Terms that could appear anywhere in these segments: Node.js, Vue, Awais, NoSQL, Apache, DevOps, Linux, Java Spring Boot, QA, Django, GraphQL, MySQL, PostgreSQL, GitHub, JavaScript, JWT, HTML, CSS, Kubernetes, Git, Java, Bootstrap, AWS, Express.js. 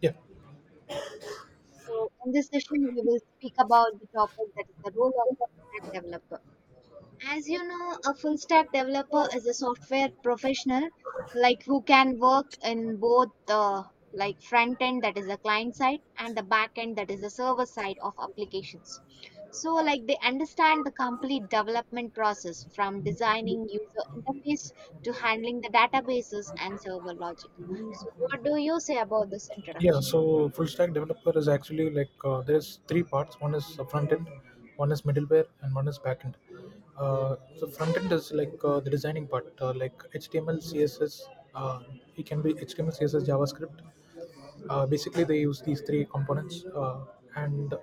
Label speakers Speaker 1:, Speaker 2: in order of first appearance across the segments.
Speaker 1: Yeah,
Speaker 2: So, in this session, we will speak about the topic that is the role of stack developer. As you know, a full stack developer is a software professional who can work in both the front end, that is the client side, and the back end, that is the server side of applications. So, like they understand the complete development process from designing user interface to handling the databases and server logic. So, what do you say about this
Speaker 1: yeah.
Speaker 2: introduction?
Speaker 1: So full stack developer is actually like there's three parts. One is the front end, one is middleware, and one is back end. So front end is like the designing part, like HTML, CSS. Uh, it can be HTML, CSS, JavaScript. Basically, they use these three components, and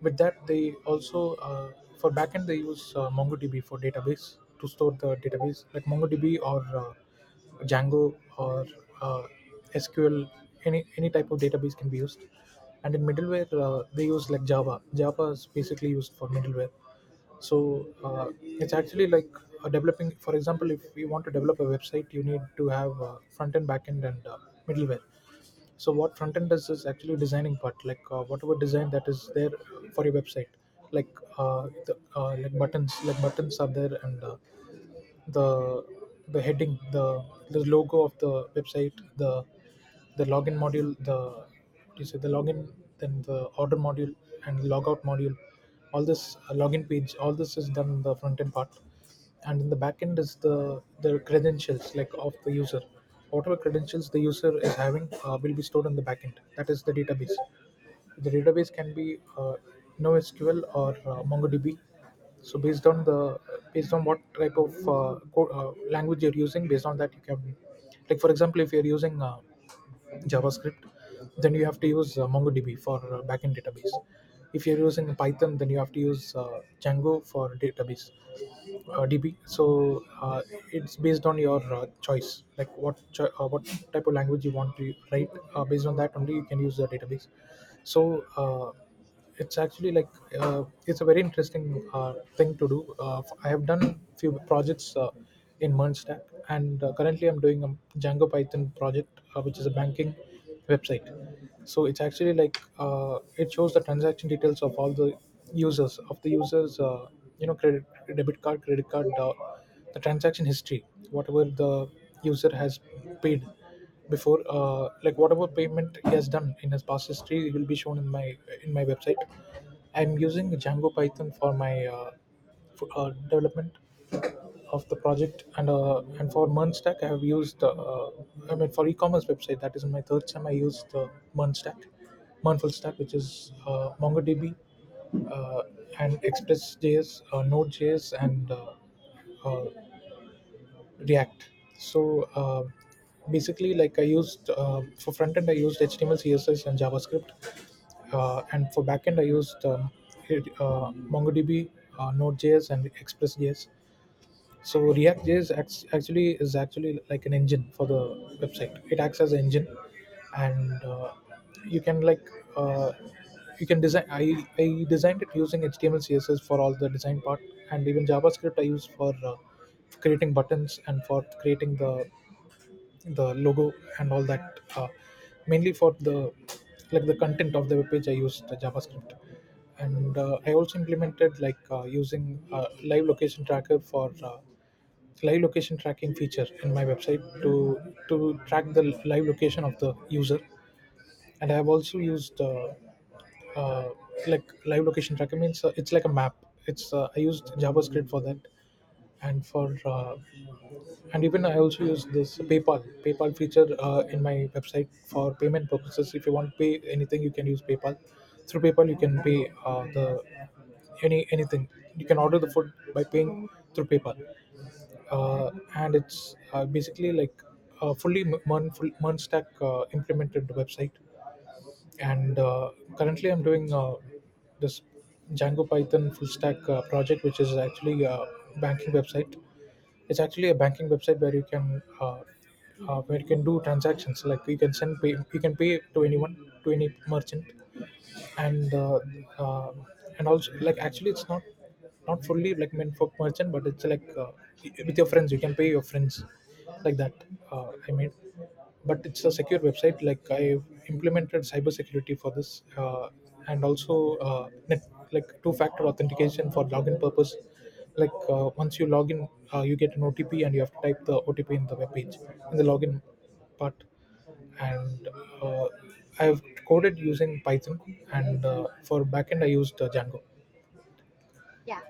Speaker 1: with that they also for backend they use mongodb for database to store the database like mongodb or django or uh, sql, any type of database can be used. And in middleware they use like java is basically used for middleware. So it's actually like a developing, for example, if you want to develop a website you need to have front end, back end, and middleware. So what front end does is actually designing part, like whatever design that is there for your website like like buttons, like buttons are there, and uh, the the heading, the logo of the website, the login module, the you say the login, then the order module and logout module. All this login page, all this is done in the front end part, and in the back end is the credentials like of the user. Whatever credentials the user is having will be stored in the back end. That is the database. The database can be NoSQL or MongoDB. So based on the based on what type of language you're using, based on that you can, like for example, if you're using JavaScript, then you have to use MongoDB for backend database. If you're using Python, then you have to use Django for database DB. So it's based on your choice, like what type of language you want to write. Based on that only, you can use the database. So it's actually like it's a very interesting thing to do. I have done few projects in Mernstack, and currently I'm doing a django python project which is a banking website. So it's actually like it shows the transaction details of all the users of the users you know, credit debit card, credit card, the transaction history, whatever the user has paid before. Like whatever payment he has done in his past history, it will be shown in my website. I'm using django python for my development of the project, and and for Mernstack I have used I mean for e-commerce website, that is my third time I used the Mernstack, Mernful Stack, which is MongoDB uh, and Express.js, Node.js, and uh, React. So basically, like I used for front end, I used HTML, CSS, and JavaScript, and for backend, I used MongoDB, Node.js, and Express.js. So actually is actually like an engine for the website. It acts as an engine. And you can like uh, you can design, I designed it using html css for all the design part, and even javascript I use for creating buttons, and for creating the logo and all that. Mainly for the like the content of the webpage I used the javascript. And I also implemented like using live location tracker for live location tracking feature in my website to track the live location of the user. And I have also used uh, like live location tracking means it's like a map. It's I used javascript for that. And for uh, and even I also use this paypal feature in my website for payment purposes. If you want to pay anything you can use paypal. Through paypal you can pay the anything. You can order the food by paying through paypal. And it's basically like a Mernstack implemented website. And currently, I'm doing this Django Python full stack project, which is actually a banking website. It's actually a banking website where you can do transactions. Like you can you can pay to anyone, to any merchant, and uh, uh, and also like actually it's not fully like meant for merchant, but it's like with your friends you can pay your friends like that. I made, but it's a secure website. Like I've implemented cybersecurity for this, and also uh, net, like two factor authentication for login purpose. Like once you log in, you get an otp and you have to type the otp in the web page in the login part. And uh, I've coded using Python, and for backend I used Django.
Speaker 2: Yeah.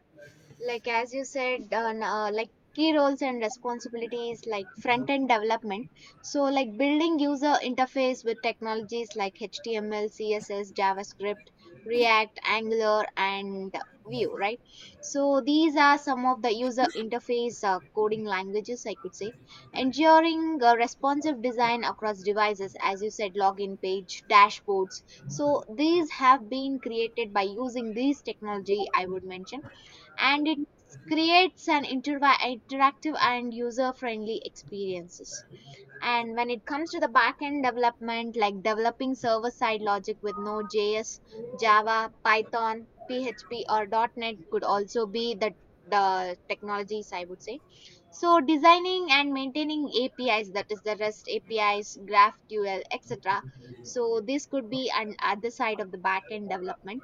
Speaker 2: Like as you said, like key roles and responsibilities like front end development. So, like building user interface with technologies like HTML, CSS, JavaScript React, Angular, and Vue, right? So these are some of the user interface coding languages, I could say. Ensuring responsive design across devices, as you said, login page, dashboards. So these have been created by using these technology, I would mention. And it creates an interactive and user friendly experiences. And when it comes to the backend development, like developing server side logic with Node.js, Java, Python, PHP, or Net could also be the technologies I would say. So designing and maintaining APIs, that is the REST APIs, GraphQL, etc. So this could be an other side of the backend development.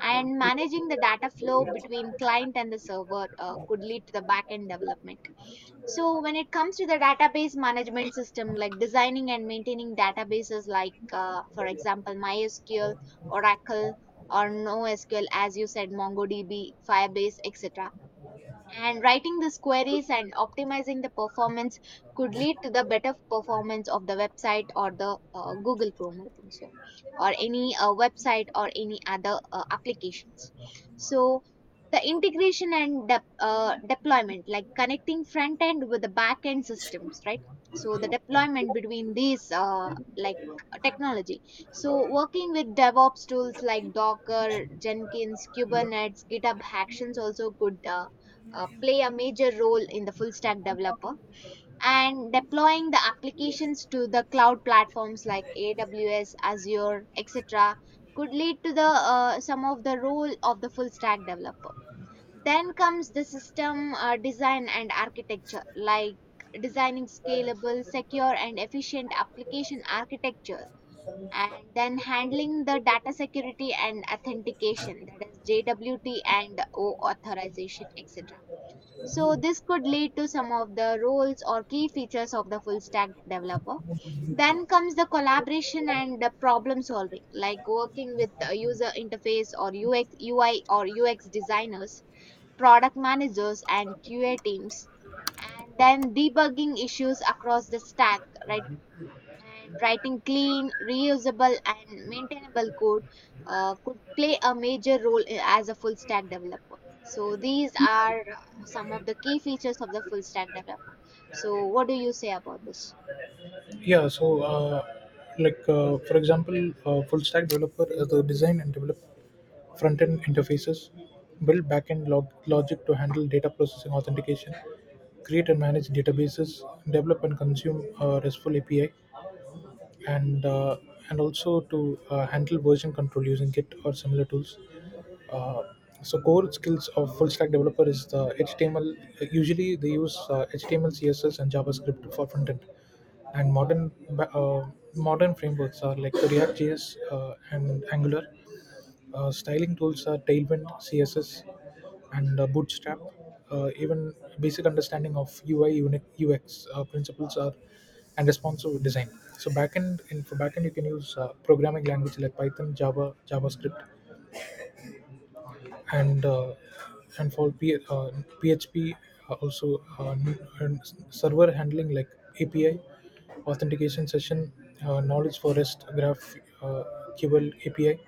Speaker 2: And managing the data flow between client and the server could lead to the backend development. So when it comes to the database management system, like designing and maintaining databases, like for example, MySQL, Oracle, or NoSQL, as you said, MongoDB, Firebase, etc. And writing these queries and optimizing the performance could lead to the better performance of the website or the Google Chrome, I think so, or any website or any other applications. So the integration and deployment, like connecting front end with the back end systems, right? So the deployment between these like technology. So working with DevOps tools like Docker, Jenkins, Kubernetes, GitHub Actions also could play a major role in the full stack developer. And deploying the applications to the cloud platforms like AWS, Azure, etc. could lead to the some of the role of the full stack developer. Then comes the system design and architecture, like designing scalable, secure, and efficient application architecture. And then handling the data security and authentication, that is JWT and O authorization, etc. So this could lead to some of the roles or key features of the full stack developer. Then comes the collaboration and the problem solving, like working with the user interface or UX, UI or UX designers, product managers, and QA teams. And then debugging issues across the stack, right? And writing clean, reusable, and maintainable code could play a major role as a full stack developer. So, these are some of the key features of the full stack developer. So, what do you say about this?
Speaker 1: Yeah, so like for example, full stack developer the design and develop front end interfaces, build backend logic to handle data processing authentication, create and manage databases, develop and consume RESTful API, and and also to handle version control using Git or similar tools. Uh, so core skills of full stack developer is the HTML. Usually they use HTML, CSS, and JavaScript for front end, and modern frameworks are like the React.js and Angular. Styling tools are Tailwind, CSS, and Bootstrap. Even basic understanding of UX principles are and responsive design. So backend in for backend you can use programming language like Python, Java, JavaScript, and and for PHP also server handling like API authentication session, knowledge for REST graph uh, QL API,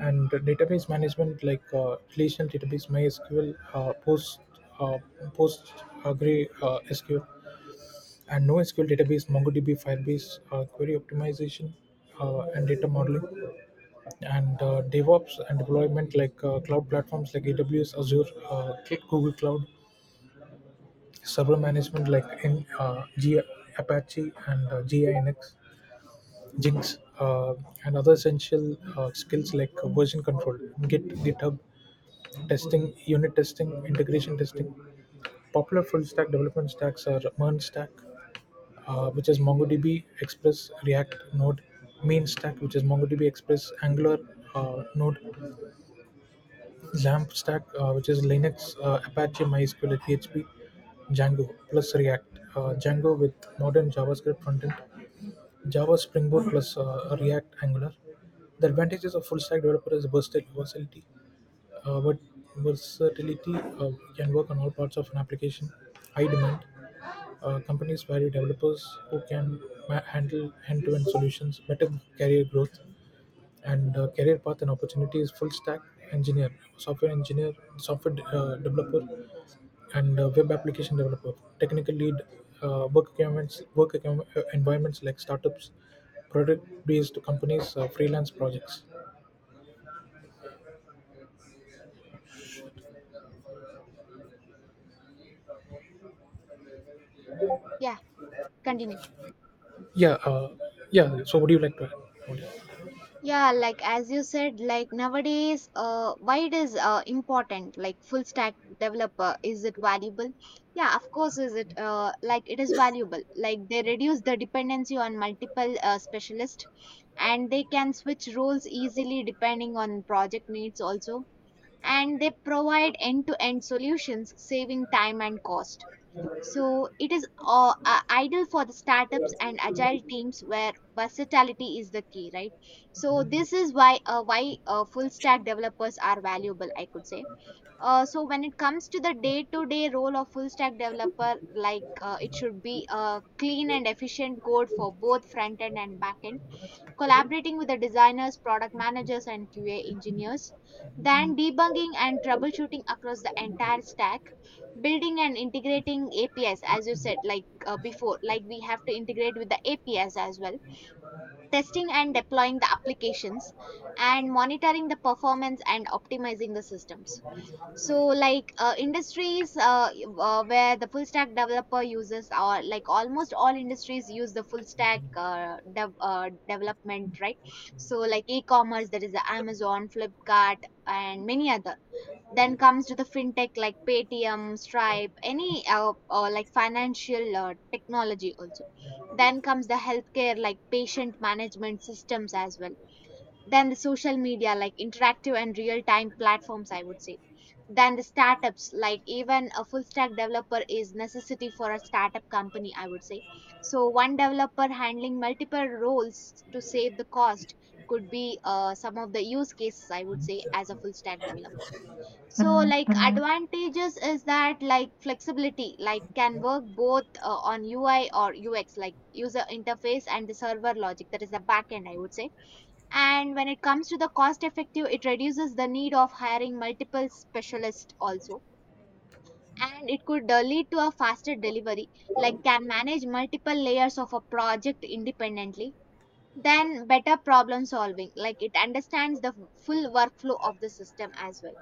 Speaker 1: and database management like relational database MySQL uh, post SQL and NoSQL database MongoDB Firebase, query optimization, and data modeling. And DevOps and deployment like cloud platforms like AWS, Azure, Google Cloud, server management like in Apache and Jinx, and other essential skills like version control, Git, GitHub, testing, unit testing, integration testing. Popular full stack development stacks are MERN stack, which is MongoDB, Express, React, Node, Main stack, which is MongoDB, Express, Angular, Node, XAMPP stack, which is Linux, Apache, MySQL, PHP, Django plus React. Django with modern JavaScript frontend, Java Spring Boot plus React Angular. The advantages of full stack developer is versatility. But versatility can work on all parts of an application. High demand. Companies value developers who can handle end-to-end solutions, better career growth, and career path and opportunity is full stack engineer, software engineer, software developer, and web application developer, technical lead. Work requirements, environments like startups, product based companies, freelance projects.
Speaker 2: Yeah, continue.
Speaker 1: Yeah uh, yeah so would you like to add? Would you-
Speaker 2: Yeah, like as you said, like nowadays, why it is important? Like full stack developer, is it valuable? Yeah, of course, is it like it is valuable. Like they reduce the dependency on multiple specialists, and they can switch roles easily depending on project needs also. And they provide end-to-end solutions, saving time and cost. So it is ideal for the startups and agile teams where versatility is the key, right? So this is why full stack developers are valuable, I could say. So when it comes to the day-to-day role of full stack developer, like it should be clean and efficient code for both front end and back end, collaborating with the designers, product managers, and QA engineers, then debugging and troubleshooting across the entire stack, building and integrating APIs, as you said, like before, like we have to integrate with the APIs as well, testing and deploying the applications, and monitoring the performance and optimizing the systems. So like industries where the full stack developer uses, or like almost all industries use the full stack development, right? So like e-commerce, that is the Amazon, Flipkart, and many other. Then comes to the fintech, like Paytm, Stripe, any like financial technology also. Then comes the healthcare, like patient management systems as well. Than the social media, like interactive and real time platforms, I would say. Than the startups, like even a full stack developer is necessity for a startup company, I would say. So one developer handling multiple roles to save the cost could be some of the use cases I would say as a full stack developer. So mhm, like mhm. Advantages is that like flexibility, like can work both on UI or UX, like user interface and the server logic, that is the backend, I would say. And when it comes to the cost effective, it reduces the need of hiring multiple specialists also. And it could lead to a faster delivery, like can manage multiple layers of a project independently. Then better problem solving, like it understands the full workflow of the system as well.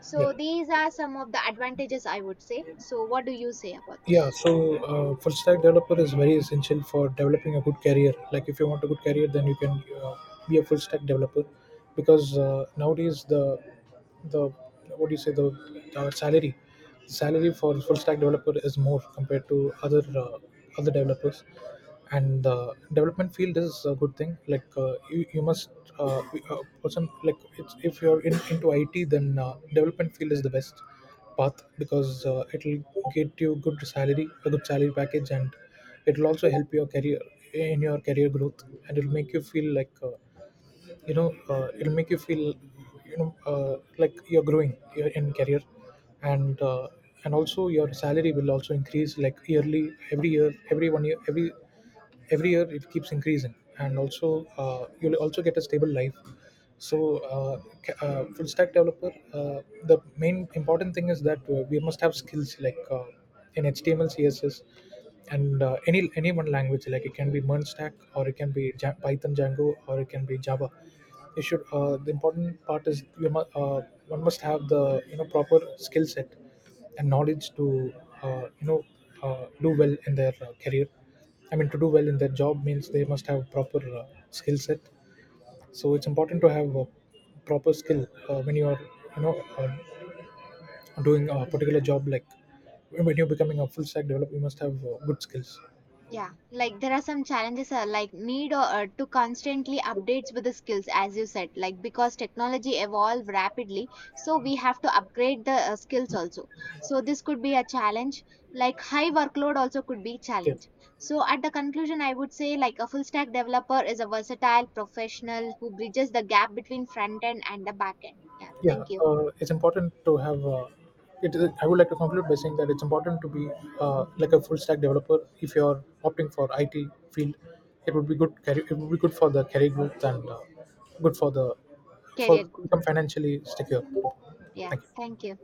Speaker 2: So
Speaker 1: yeah
Speaker 2: these are some of the advantages I would say. So what do you say about
Speaker 1: yeah,
Speaker 2: this?
Speaker 1: so full stack developer is very essential for developing a good career. Like if you want a good career then you can be a full stack developer, because nowadays the what do you say, the salary for full stack developer is more compared to other other developers. And the development field is a good thing. Like you must be a person like it's, if you're into it, then development field is the best path, because it'll get you good salary, a good salary package, and it'll also help your career growth, and it'll make you feel like it'll make you feel like you're in career. And and also your salary will also increase, like yearly, every year, every one year, every year it keeps increasing. And also you'll also get a stable life. So full stack developer, the main important thing is that we must have skills like in html css, and any one language, like it can be .MERN stack, or it can be python django, or it can be java. You should the important part is one must have the you know proper skill set and knowledge to uh, you know do well in their career. I mean, to do well in their job means they must have proper skill set. So it's important to have a proper skill when you are, you know, uh, doing a particular job. Like when you're becoming a full stack developer, you must have good skills.
Speaker 2: Yeah, like there are some challenges like need or, to constantly updates with the skills, as you said, like because technology evolve rapidly, so we have to upgrade the skills also. So this could be a challenge, like high workload also could be
Speaker 1: Yeah.
Speaker 2: challenge. So at the conclusion, I would say like a full stack developer is a versatile professional who bridges the gap between front end and the back end. Yeah,
Speaker 1: Yeah
Speaker 2: thank you.
Speaker 1: it's important to have I would like to conclude by saying that it's important to be like a full stack developer. If you're opting for it field, it would be good career, it would be good for the career growth, and good for the for
Speaker 2: Career guru.
Speaker 1: become financially secure.
Speaker 2: Yeah,
Speaker 1: Thank you.
Speaker 2: thank you.